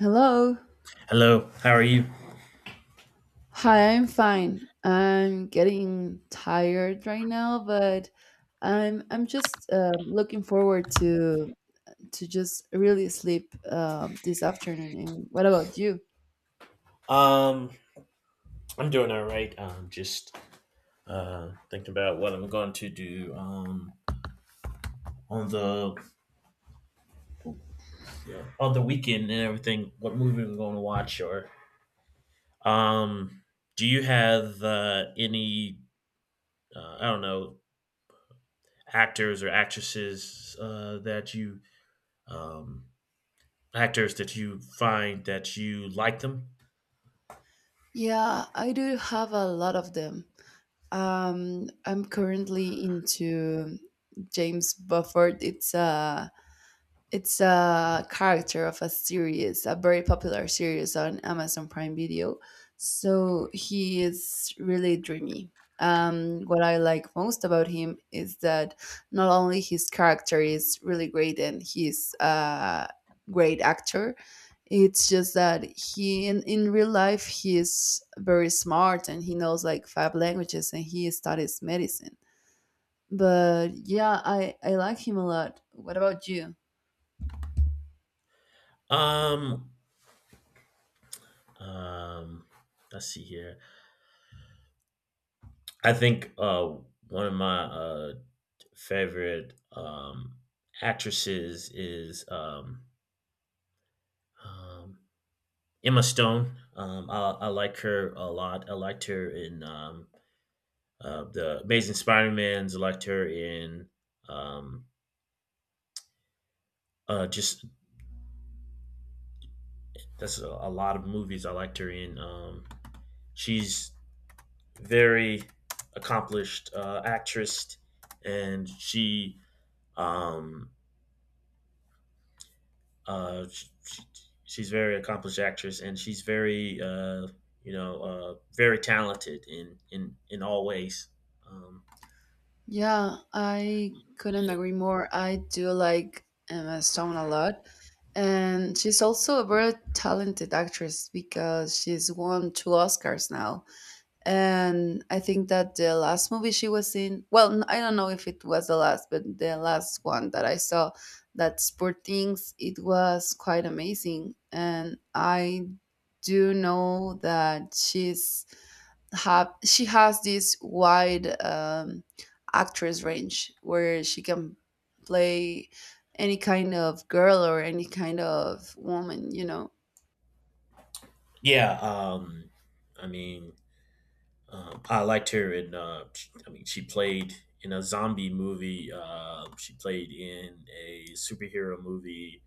Hello. Hello, how are you? Hi, I'm fine. I'm getting tired right now, but I'm just looking forward to just really sleep this afternoon. And what about you? Um, I'm doing all right. Just thinking about what I'm going to do on the on the weekend and everything. What movie I'm going to watch? Or um, do you have any, I don't know, actors or actresses that you, um actors that you find that you like them? Yeah, I do have a lot of them. I'm currently into James Bufford. It's a character of a series, a very popular series on Amazon Prime Video. So he is really dreamy. What I like most about him is that not only his character is really great and he's a great actor, it's just that in real life he is very smart and he knows like five languages and he studies medicine. But yeah, I like him a lot. What about you? Um, um, let's see here. I think one of my favorite, actresses is, um, Emma Stone. I like her a lot. I liked her in, the Amazing Spider-Man's. I liked her in, um, just that's a lot of movies I liked her in. She's very accomplished, actress, and um, Uh, she, she, she's a very accomplished actress, and she's very, you know, very talented in all ways. Um, Yeah, I couldn't agree more. I do like Emma Stone a lot. And she's also a very talented actress because she's won two Oscars now. And I think that the last movie she was in, well, I don't know if it was the last, but the last one that I saw, that's Poor Things, it was quite amazing. And I do know that she has this wide actress range where she can play any kind of girl or any kind of woman, you know. yeah. I mean, I liked her in. I mean, she played in a zombie movie. She played in a superhero movie.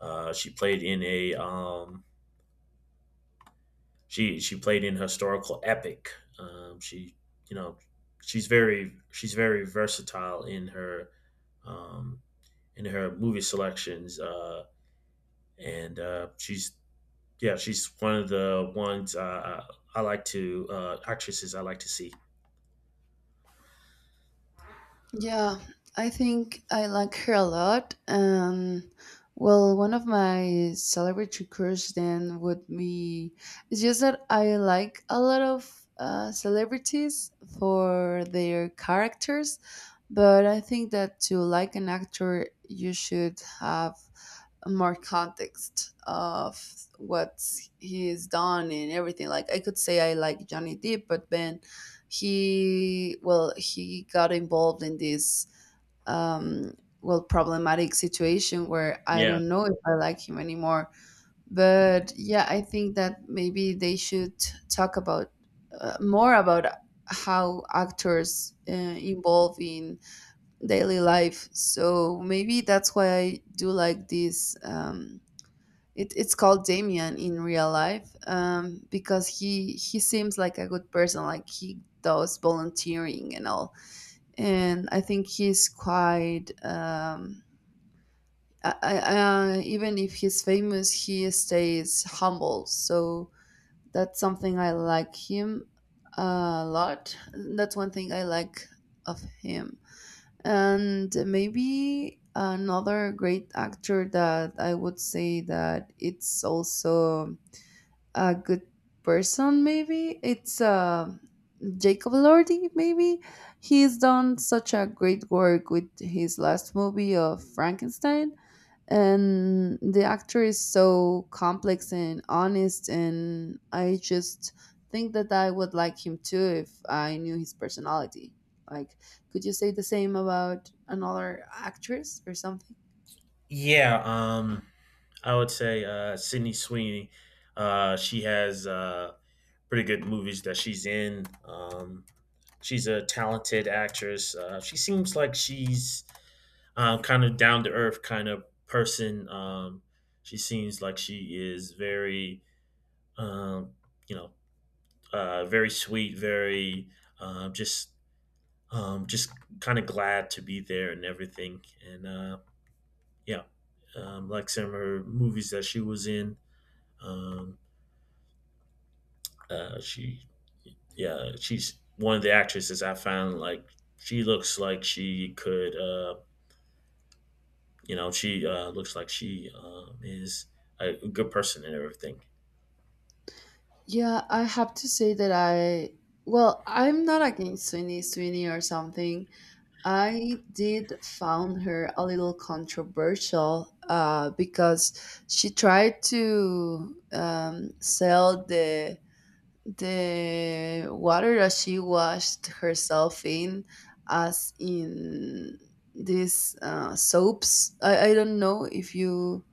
She played in a, she played in historical epic. She, you know, she's very versatile in her, um, in her movie selections, and she's yeah, she's one of the ones, I like to actresses I like to see. Yeah, I think I like her a lot. Um, well, one of my celebrity crush then would be, it's just that I like a lot of celebrities for their characters, but I think that to like an actor you should have more context of what he's done and everything. Like I could say I like Johnny Depp, but then he got involved in this, um problematic situation where I Yeah, don't know if I like him anymore. But yeah, I think that maybe they should talk about more about how actors involve in daily life. So maybe that's why I do like this, it, it's called Damien in real life, because he seems like a good person. Like he does volunteering and all, and I think he's quite. I, I, Even if he's famous, he stays humble. So that's something I like him a lot. That's one thing I like of him. And maybe another great actor that I would say that it's also a good person, maybe it's Jacob Lordy. Maybe he's done such a great work with his last movie of Frankenstein, and the actor is so complex and honest, and I just think that I would like him too if I knew his personality. Like, could you say the same about another actress or something? yeah. I would say Sydney Sweeney. She has pretty good movies that she's in. She's a talented actress. She seems like she's, kind of down to earth kind of person. She seems like she is very, um, you know, very sweet, very, um, just just kind of glad to be there and everything. And yeah, like some of her movies that she was in, um, she yeah, she's one of the actresses I found, like, she looks like she could. You know, she, looks like she, is a good person and everything. Yeah, I have to say that I well I'm not against Sweeney Sweeney or something. I did found her a little controversial, because she tried to sell the water that she washed herself in as in these soaps. I don't know if you,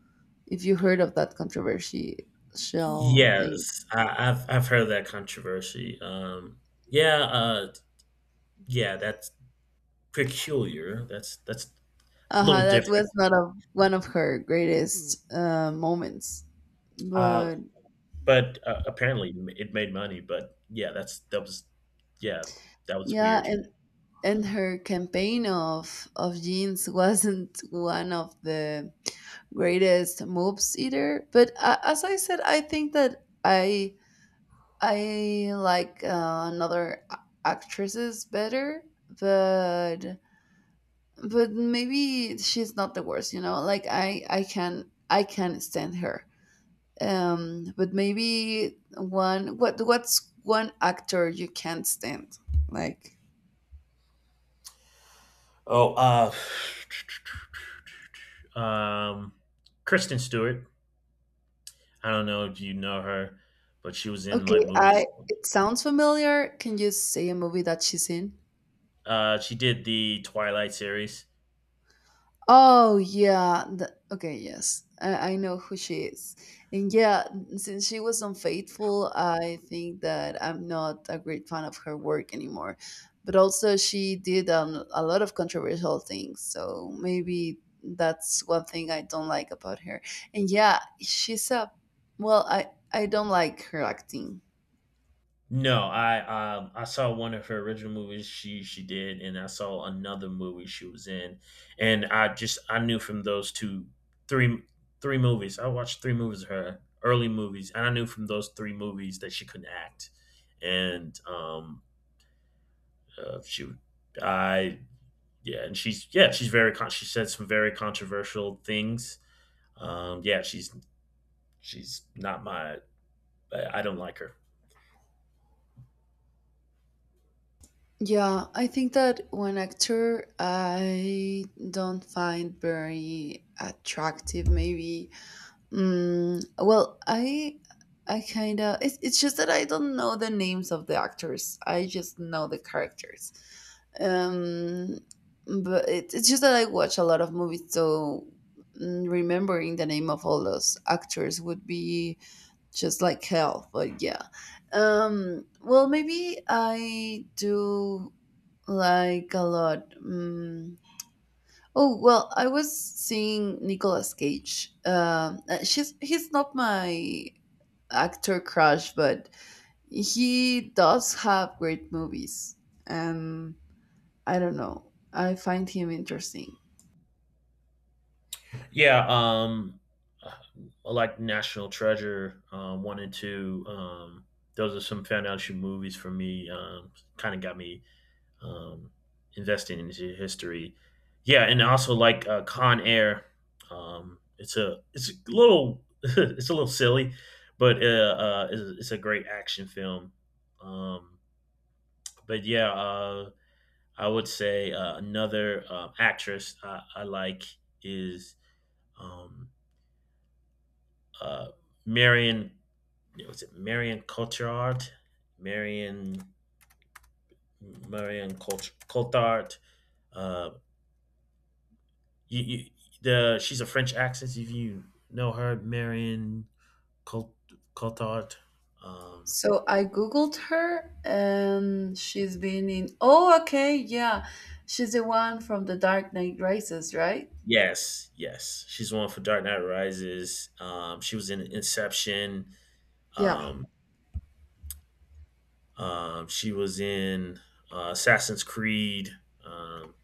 if you heard of that controversial thing. Yes, I've heard that controversy. Yeah. Yeah, that's peculiar. That's a little Uh-huh, that different. was not of one of her greatest moments, Uh, but but apparently it made money. But yeah, that was, yeah, that was yeah, weird. And her campaign of jeans wasn't one of the greatest moves either. But as I said, I think that I like another actresses better. but but maybe she's not the worst, you know. Like I can, I can stand her. Um but maybe one, what, what's one actor you can't stand? Like. Oh. uh, um, Kristen Stewart. I don't know if you know her, but she was in Okay, like I, movies. it sounds familiar. Can you say a movie that she's in? She did the Twilight series. Oh yeah. The, okay, yes. I know who she is. And yeah, since she was unfaithful, I think that I'm not a great fan of her work anymore. But also she did a lot of controversial things, so maybe that's one thing I don't like about her. And yeah, she's a, well, I don't like her acting. No. I saw one of her original movies she did, and I saw another movie she was in, and I just, I knew from those two three three movies. I watched three movies of her early movies, and I knew from those three movies that she couldn't act, and uh, she would- I, yeah, and she's yeah, she said some very controversial things. Yeah, she's not my. I don't like her. Yeah, I think that one actor I don't find very attractive. Maybe, well, I. It's just that I don't know the names of the actors. I just know the characters. Um, but it's just that I watch a lot of movies, so remembering the name of all those actors would be just like hell. But yeah, well, maybe I do like a lot. Mm. Oh well, I was seeing Nicolas Cage. She's He's not my actor crush, but he does have great movies, and I don't know. I find him interesting. Yeah. I like National Treasure, one and two. Those are some foundation movies for me. Kind of got me, um, invested into history. Yeah, and I also like Con Air. It's a little it's a little silly, but it's a great action film. Um, but yeah, I would say, another actress I like is, um, uh, Marion. Was it Marion Cotillard? Marion Cotillard. Uh, you, you, the She's a French actress. If you know her. Marion Cot- Cotillard. Um, So I googled her, and she's been in. Oh, okay, yeah, she's the one from The Dark Knight Rises, right? yes, yes, she's one for Dark Knight Rises. She was in Inception. Yeah, Um, she was in Assassin's Creed, um,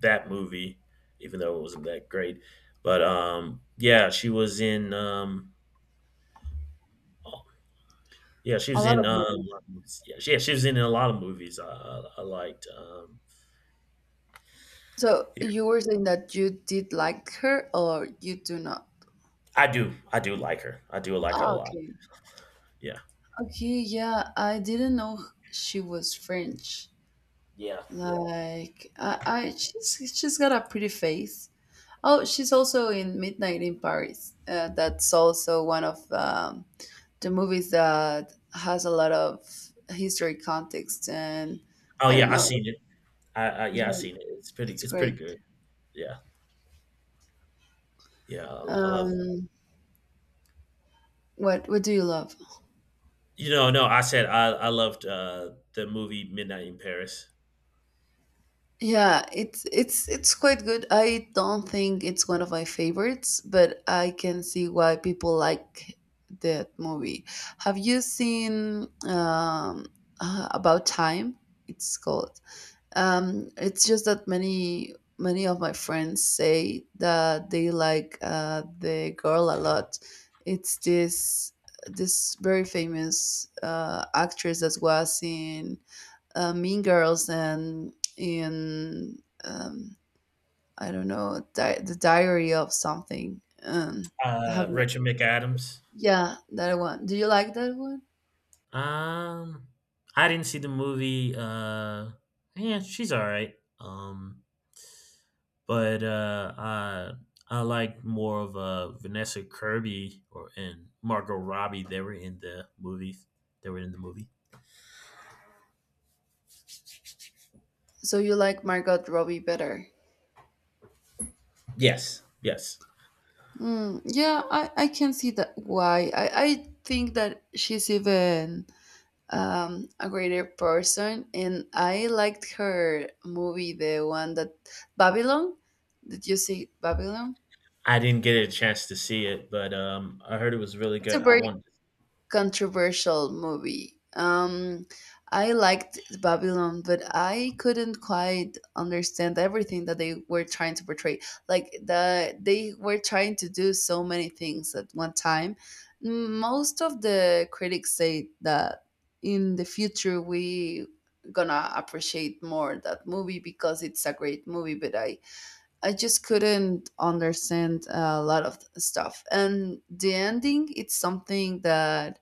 that movie, even though it wasn't that great. But, yeah, she was in. Oh, yeah, she a was lot in, of a movies. lot of movies. Yeah, she, yeah, she was in a lot of movies. I liked. So Yeah, you were saying that you did like her or you do not? I do. I do like her. I do like her a Ah, lot. okay. Yeah. Okay, yeah, I didn't know she was French. Yeah. Like I she's got a pretty face. Oh, she's also in Midnight in Paris. That's also one of the movies that has a lot of history context and Oh I don't yeah, I know. seen it. I Yeah, I Yeah, seen it. It's pretty. it's It's pretty great. good. Yeah. Yeah. I love. Um, what do you love? You know. No, I said I loved the movie Midnight in Paris. Yeah, it's it's quite good. I don't think it's one of my favorites, but I can see why people like that movie. Have you seen About Time? It's called. It's just that many of my friends say that they like the girl a lot. It's this this very famous actress that was in Mean Girls and in, I don't know, the Diary of something. Have you? Rachel McAdams. Yeah, that one. Do you like that one? Um, I didn't see the movie. Yeah, she's all right. But I like more of Vanessa Kirby or and Margot Robbie. They were in the movies. They were in the movie. So you like Margot Robbie better? Yes, yes. Mm, yeah, I can see that why. I think that she's even a greater person, and I liked her movie, the one that, Babylon. Did you see Babylon? I didn't get a chance to see it, but, I heard it was really It's a good. I very wanted. controversial movie. I liked Babylon, but I couldn't quite understand everything that they were trying to portray. Like they were trying to do so many things at one time. Most of the critics say that in the future we gonna appreciate more that movie because it's a great movie, but I just couldn't understand a lot of stuff, and the ending, it's something that,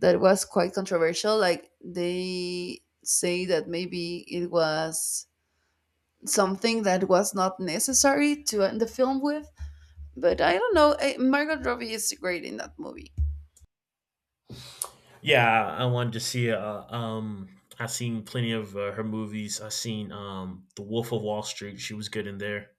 that was quite controversial. Like they say that maybe it was something that was not necessary to end the film with. But I don't know. Eh, Margot Robbie is great in that movie. Yeah, I wanted to see it. I've seen plenty of her movies. I've seen, The Wolf of Wall Street. She was good in there.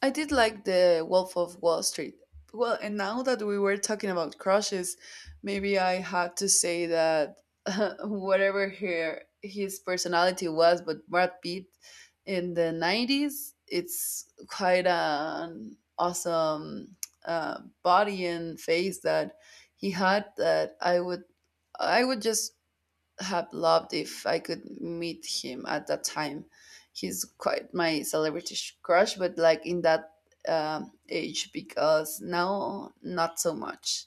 I did like the Wolf of Wall Street. Well, and now that we were talking about crushes, maybe I had to say that whatever her his personality was, but Brad Pitt in the '90s, it's quite an awesome body and face that he had. I would just have loved if I could meet him at that time. He's quite my celebrity crush, but like in that age, because now not so much.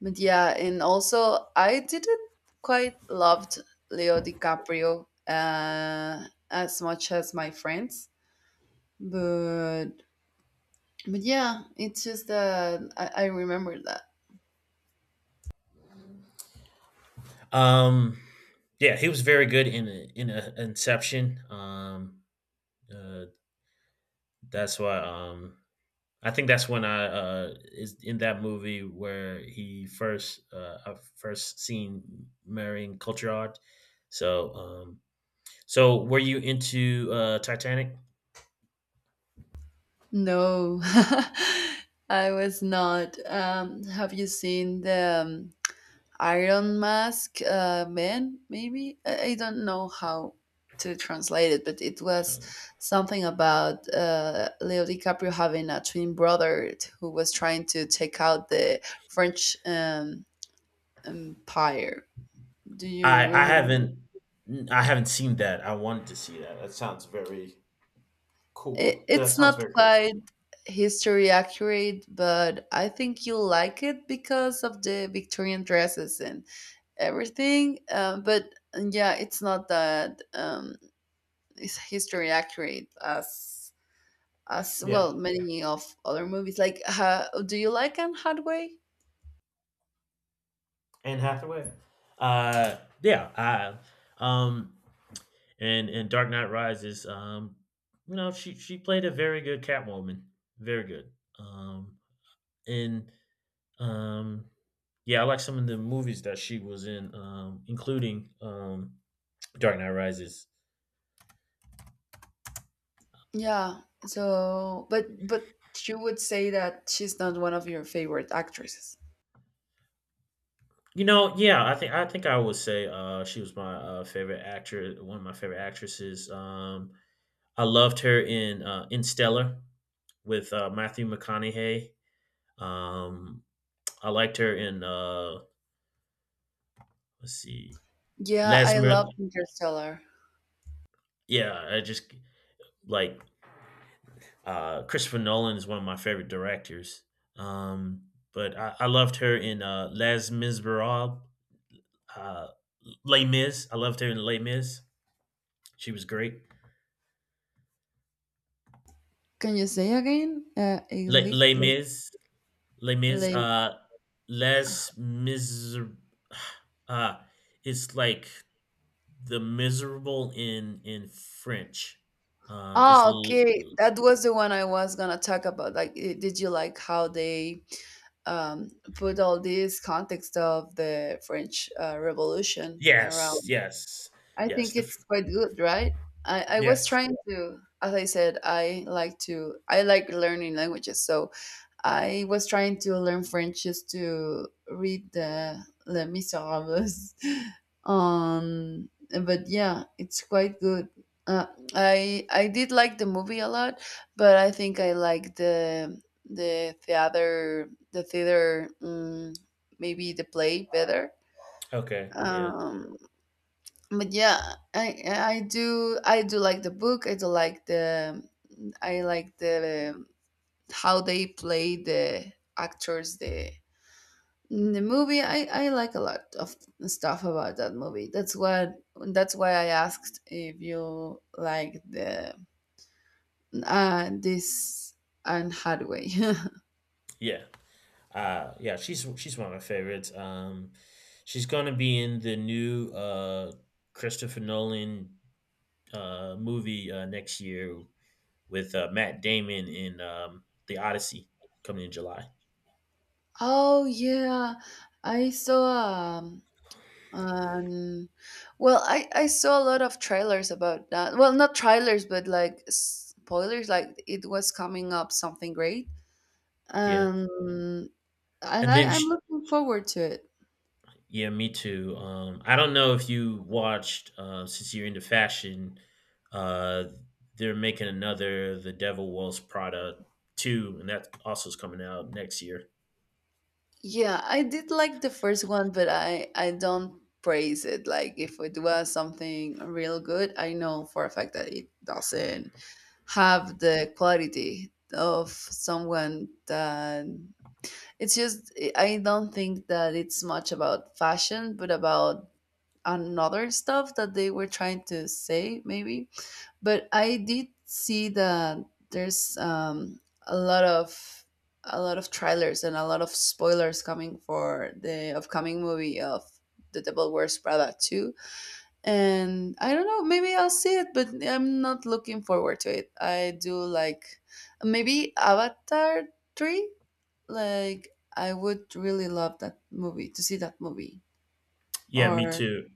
But yeah, and also I didn't quite loved Leo DiCaprio as much as my friends, but but yeah, it's just that I remember that. Um, yeah, he was very good in Inception. Uh, that's why. I think that's when I is in that movie where he first I first seen marrying Cotillard. So, so were you into Titanic? No, I was not. Have you seen the Iron Mask Man, maybe? I don't know how to translate it, but it was something about Leo DiCaprio having a twin brother who was trying to take out the French empire. Do you I I remember? haven't I haven't seen that. I wanted to see that. That sounds very cool. That It's sounds not very cool. quite history accurate, but I think you'll like it because of the Victorian dresses and everything. But yeah, it's not that. Is history accurate as Yeah, well many of other movies. Like do you like Anne Hathaway? Anne Hathaway. Uh, yeah. I um And in Dark Knight Rises, you know, she played a very good Catwoman, very good. Um, and, um, yeah, I like some of the movies that she was in, including, Dark Knight Rises. Yeah. So but you would say that she's not one of your favorite actresses. You know, yeah, I think I would say, she was my, favorite actress, one of my favorite actresses. I loved her in, in Stellar with Matthew McConaughey. Um, I liked her in, let's see, Yeah, Les I love Mis- Interstellar. yeah, I just like Christopher Nolan is one of my favorite directors. Um, but I loved her in Les Miserables, uh, Les Mis. I loved her in Les Mis. She was great. Can you say again? A Les little Mis, Les Mis, late. Les Miser. Uh, it's like the miserable in French. Um, it's Oh, l- okay. That was the one I was gonna talk about. Like, did you like how they put all this context of the French Revolution yes, around? yes, I yes. think it's quite good, right? I was Yes. trying to, as I said, I like to, I like learning languages. So I was trying to learn French just to read the Les Miserables. Um, but yeah, it's quite good. Uh, I did like the movie a lot, but I think I like the theater, maybe the play better. Okay. Yeah. Um, but yeah, I do like the book. I do like the I like the, how they play the actors, the in the movie. I like a lot of stuff about that movie. That's why I asked if you like the, this Anne Hathaway. Yeah. Yeah, she's one of my favorites. She's gonna be in the new, Christopher Nolan, movie, next year with Matt Damon in, The Odyssey, coming in July. Oh yeah, I saw, um, Um, well, I saw a lot of trailers about that. Well, not trailers, but like spoilers. Like it was coming up something great. Yeah. Um, and And then I'm sh looking forward to it. Yeah, me too. I don't know if you watched, since you're into fashion, uh they're making another The Devil Wears Prada 2, and that also is coming out next year. Yeah, I did like the first one, but I don't praise it. Like if it was something real good, I know for a fact that it doesn't have the quality of someone that. It's just I don't think that it's much about fashion, but about another stuff that they were trying to say, maybe. But I did see that there's a lot of a lot of trailers and a lot of spoilers coming for the upcoming movie of The Devil Wears Prada 2. And I don't know, maybe I'll see it, but I'm not looking forward to it. I do like maybe Avatar 3, like I would really love that movie, to see that movie, Yeah, me or too.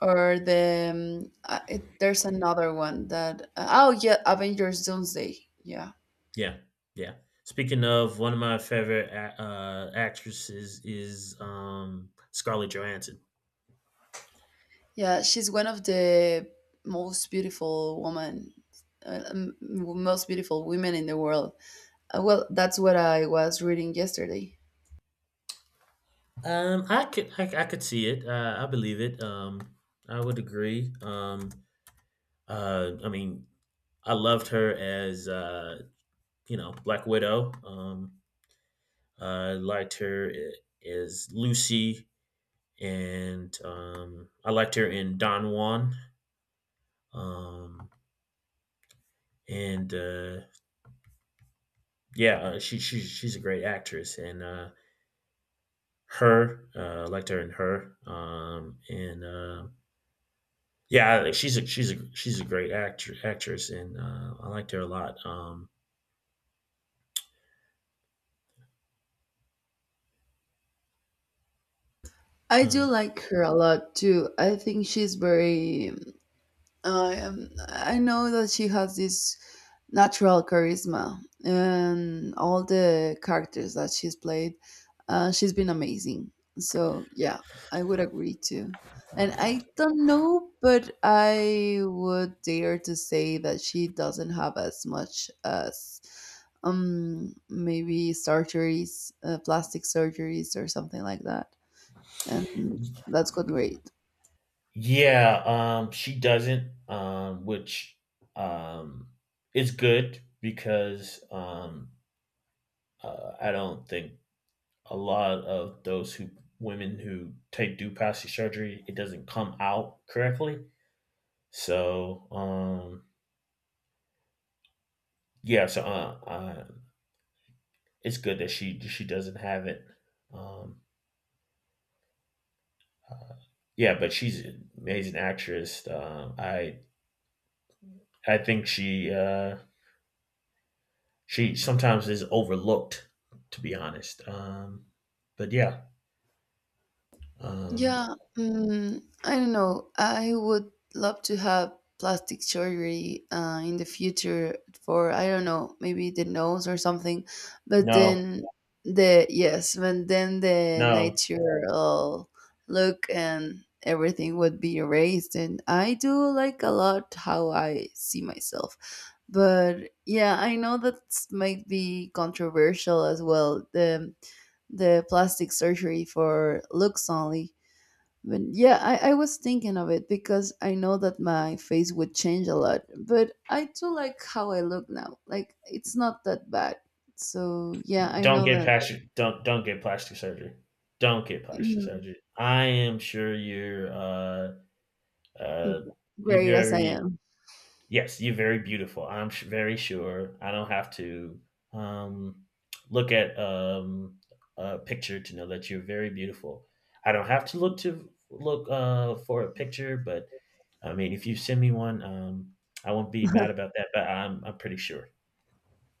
or the there's another one that oh yeah, Avengers Doomsday, yeah. Yeah, yeah. Speaking of, one of my favorite actresses is, Scarlett Johansson. Yeah, she's one of the most beautiful woman, most beautiful women in the world. Well, that's what I was reading yesterday. I could see it. I believe it. I would agree. I mean, I loved her as, you know, Black Widow. I liked her as Lucy, and, I liked her in Don Juan. Um, and yeah, she's a great actress, and her, liked her and her. And yeah, like, she's a great actor actress, and I liked her a lot. I do uh, like her a lot too. I think she's very I know that she has this natural charisma, and all the characters that she's played, she's been amazing. So yeah, I would agree too. And I don't know, but I would dare to say that she doesn't have as much as maybe surgeries, plastic surgeries or something like that. And that's good rate. yeah. She doesn't, which, um, is good because, I don't think a lot of those who women who take do plastic surgery, it doesn't come out correctly. So, yeah, so, it's good that she doesn't have it. Um, uh, yeah, but she's an amazing actress. I think she sometimes is overlooked, to be honest. But yeah, um, Yeah, I don't know. I would love to have plastic surgery in the future for, I don't know, maybe the nose or something. But no, then the no, natural look and everything would be erased. And I do like a lot how I see myself. But yeah, I know that might be controversial as well. The plastic surgery for looks only, but yeah, I was thinking of it because I know that my face would change a lot, but I do like how I look now. Like it's not that bad. So yeah, I don't know get that plastic. Don't get plastic surgery. Don't get plastic you surgery. I am sure you're. Uh, know, if great you as ever I am. Yes, you're very beautiful. I'm very sure. I don't have to, um, look at, a picture to know that you're very beautiful. I don't have to look for a picture, but I mean, if you send me one, I won't be mad about that. But I'm pretty sure.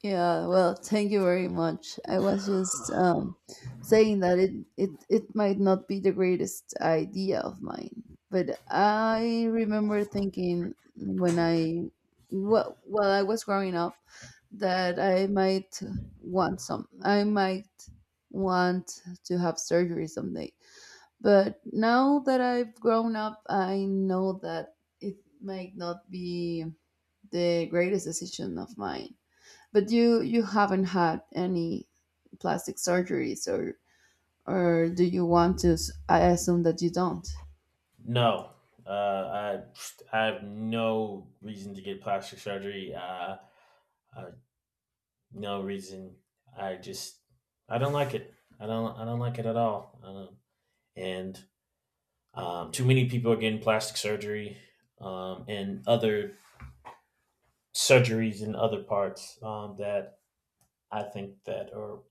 Yeah, well, thank you very much. I was just saying that it might not be the greatest idea of mine, but I remember thinking when while I was growing up that I might want some. I might want to have surgery someday. But now that I've grown up, I know that it might not be the greatest decision of mine. But you haven't had any plastic surgeries, or do you want to? I assume that you don't. No, uh, I I have no reason to get plastic surgery. Uh, no reason. I just, I don't like it. I don't like it at all. And, too many people are getting plastic surgery, and other surgeries in other parts, that I think that, or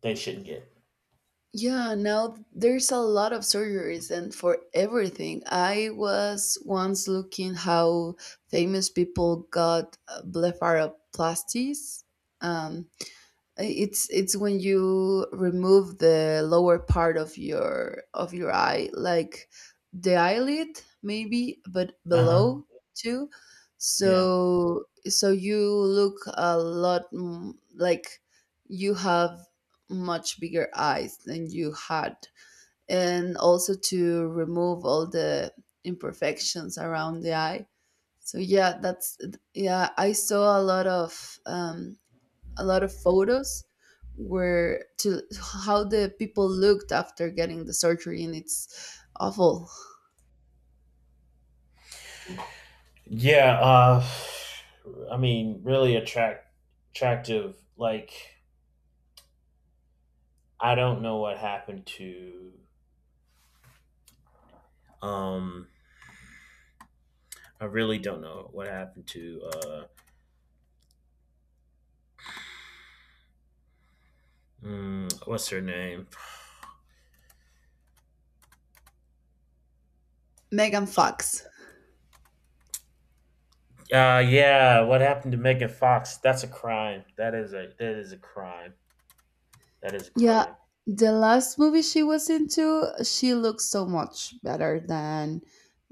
they shouldn't get. Yeah, now there's a lot of surgeries and for everything. I was once looking how famous people got blepharoplasties. Um, it's when you remove the lower part of your eye, like the eyelid maybe, but Uh huh. below too, Yeah. so so you look a lot like you have much bigger eyes than you had, and also to remove all the imperfections around the eye. So yeah, that's, yeah, I saw a lot of photos were to how the people looked after getting the surgery, and it's awful. Yeah. I mean, really attractive. Like, I don't know what happened to. Um, I really don't know what happened to. What's her name? Megan Fox. Yeah. What happened to Megan Fox? That's a crime. That is a crime. That is a Yeah, crime. the last movie she was into, she looked so much better than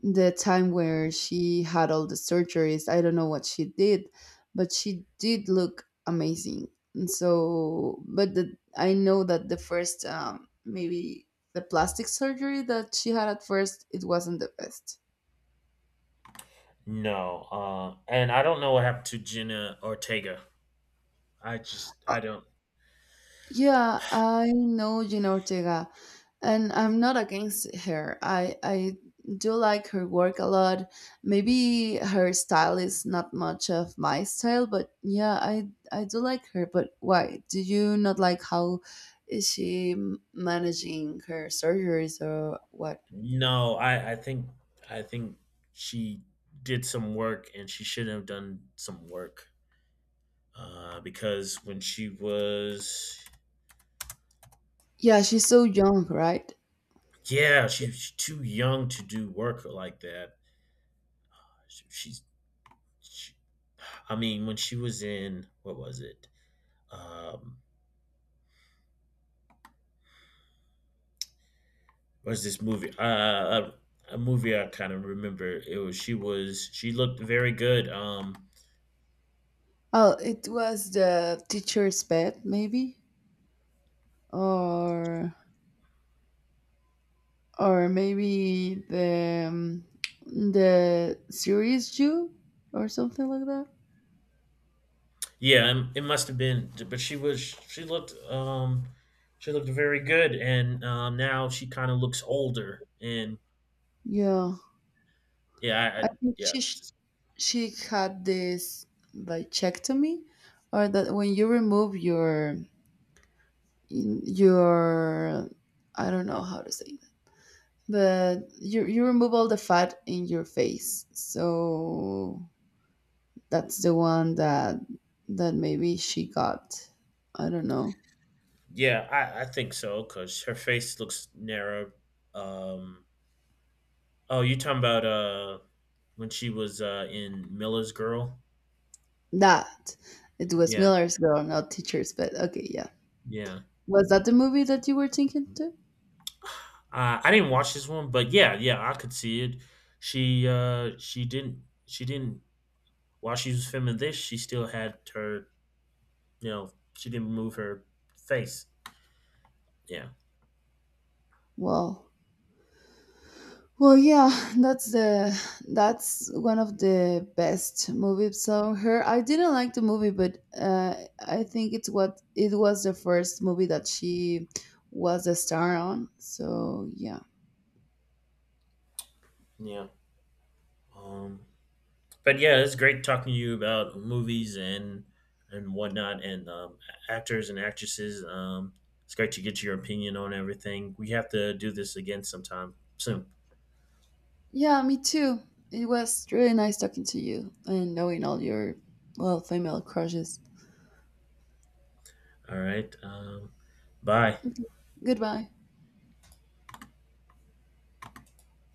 the time where she had all the surgeries. I don't know what she did, but she did look amazing. And so, but I know that the first maybe the plastic surgery that she had at first, it wasn't the best. No, and I don't know what happened to Jenna Ortega. I just, I don't. Yeah, I know Gina Ortega, and I'm not against her. I do like her work a lot. Maybe her style is not much of my style, but yeah, I do like her. But why do you not like how is she managing her surgeries or what? No, I think I think she did some work and she shouldn't have done some work because when she was, Yeah, she's so young, right? yeah, she was too young to do work like that. She's she, I mean, when she was in, what was it? Um, what was this movie? A movie I kind of remember. It was she looked very good. Oh, it was The Teacher's Pet, maybe, or or maybe the series Jew or something like that. Yeah, it must have been, but she looked, she looked very good, and now she kind of looks older, and Yeah, yeah. I think yeah that's- she had this bichectomy, or that when you remove your, I don't know how to say that, but you remove all the fat in your face. So that's the one that that maybe she got. I don't know. yeah, I think so because her face looks narrow. Um, oh, you talking about, when she was in Miller's Girl? That. It was Yeah, Miller's Girl, not Teachers Pet. Okay, yeah. yeah. Was that the movie that you were thinking to? I didn't watch this one, but yeah, yeah, I could see it. She didn't she didn't while she was filming this, she still had her, you know, she didn't remove her face. Yeah, Well, well, yeah. That's the, that's one of the best movies of her. I didn't like the movie, but I think it's what it was the first movie that she was a star on. So yeah, yeah. Um, but yeah, it's great talking to you about movies and whatnot, and, actors and actresses. It's great to get your opinion on everything. We have to do this again sometime soon. yeah, me too. It was really nice talking to you and knowing all your, well, female crushes. All right. Bye. Okay, goodbye.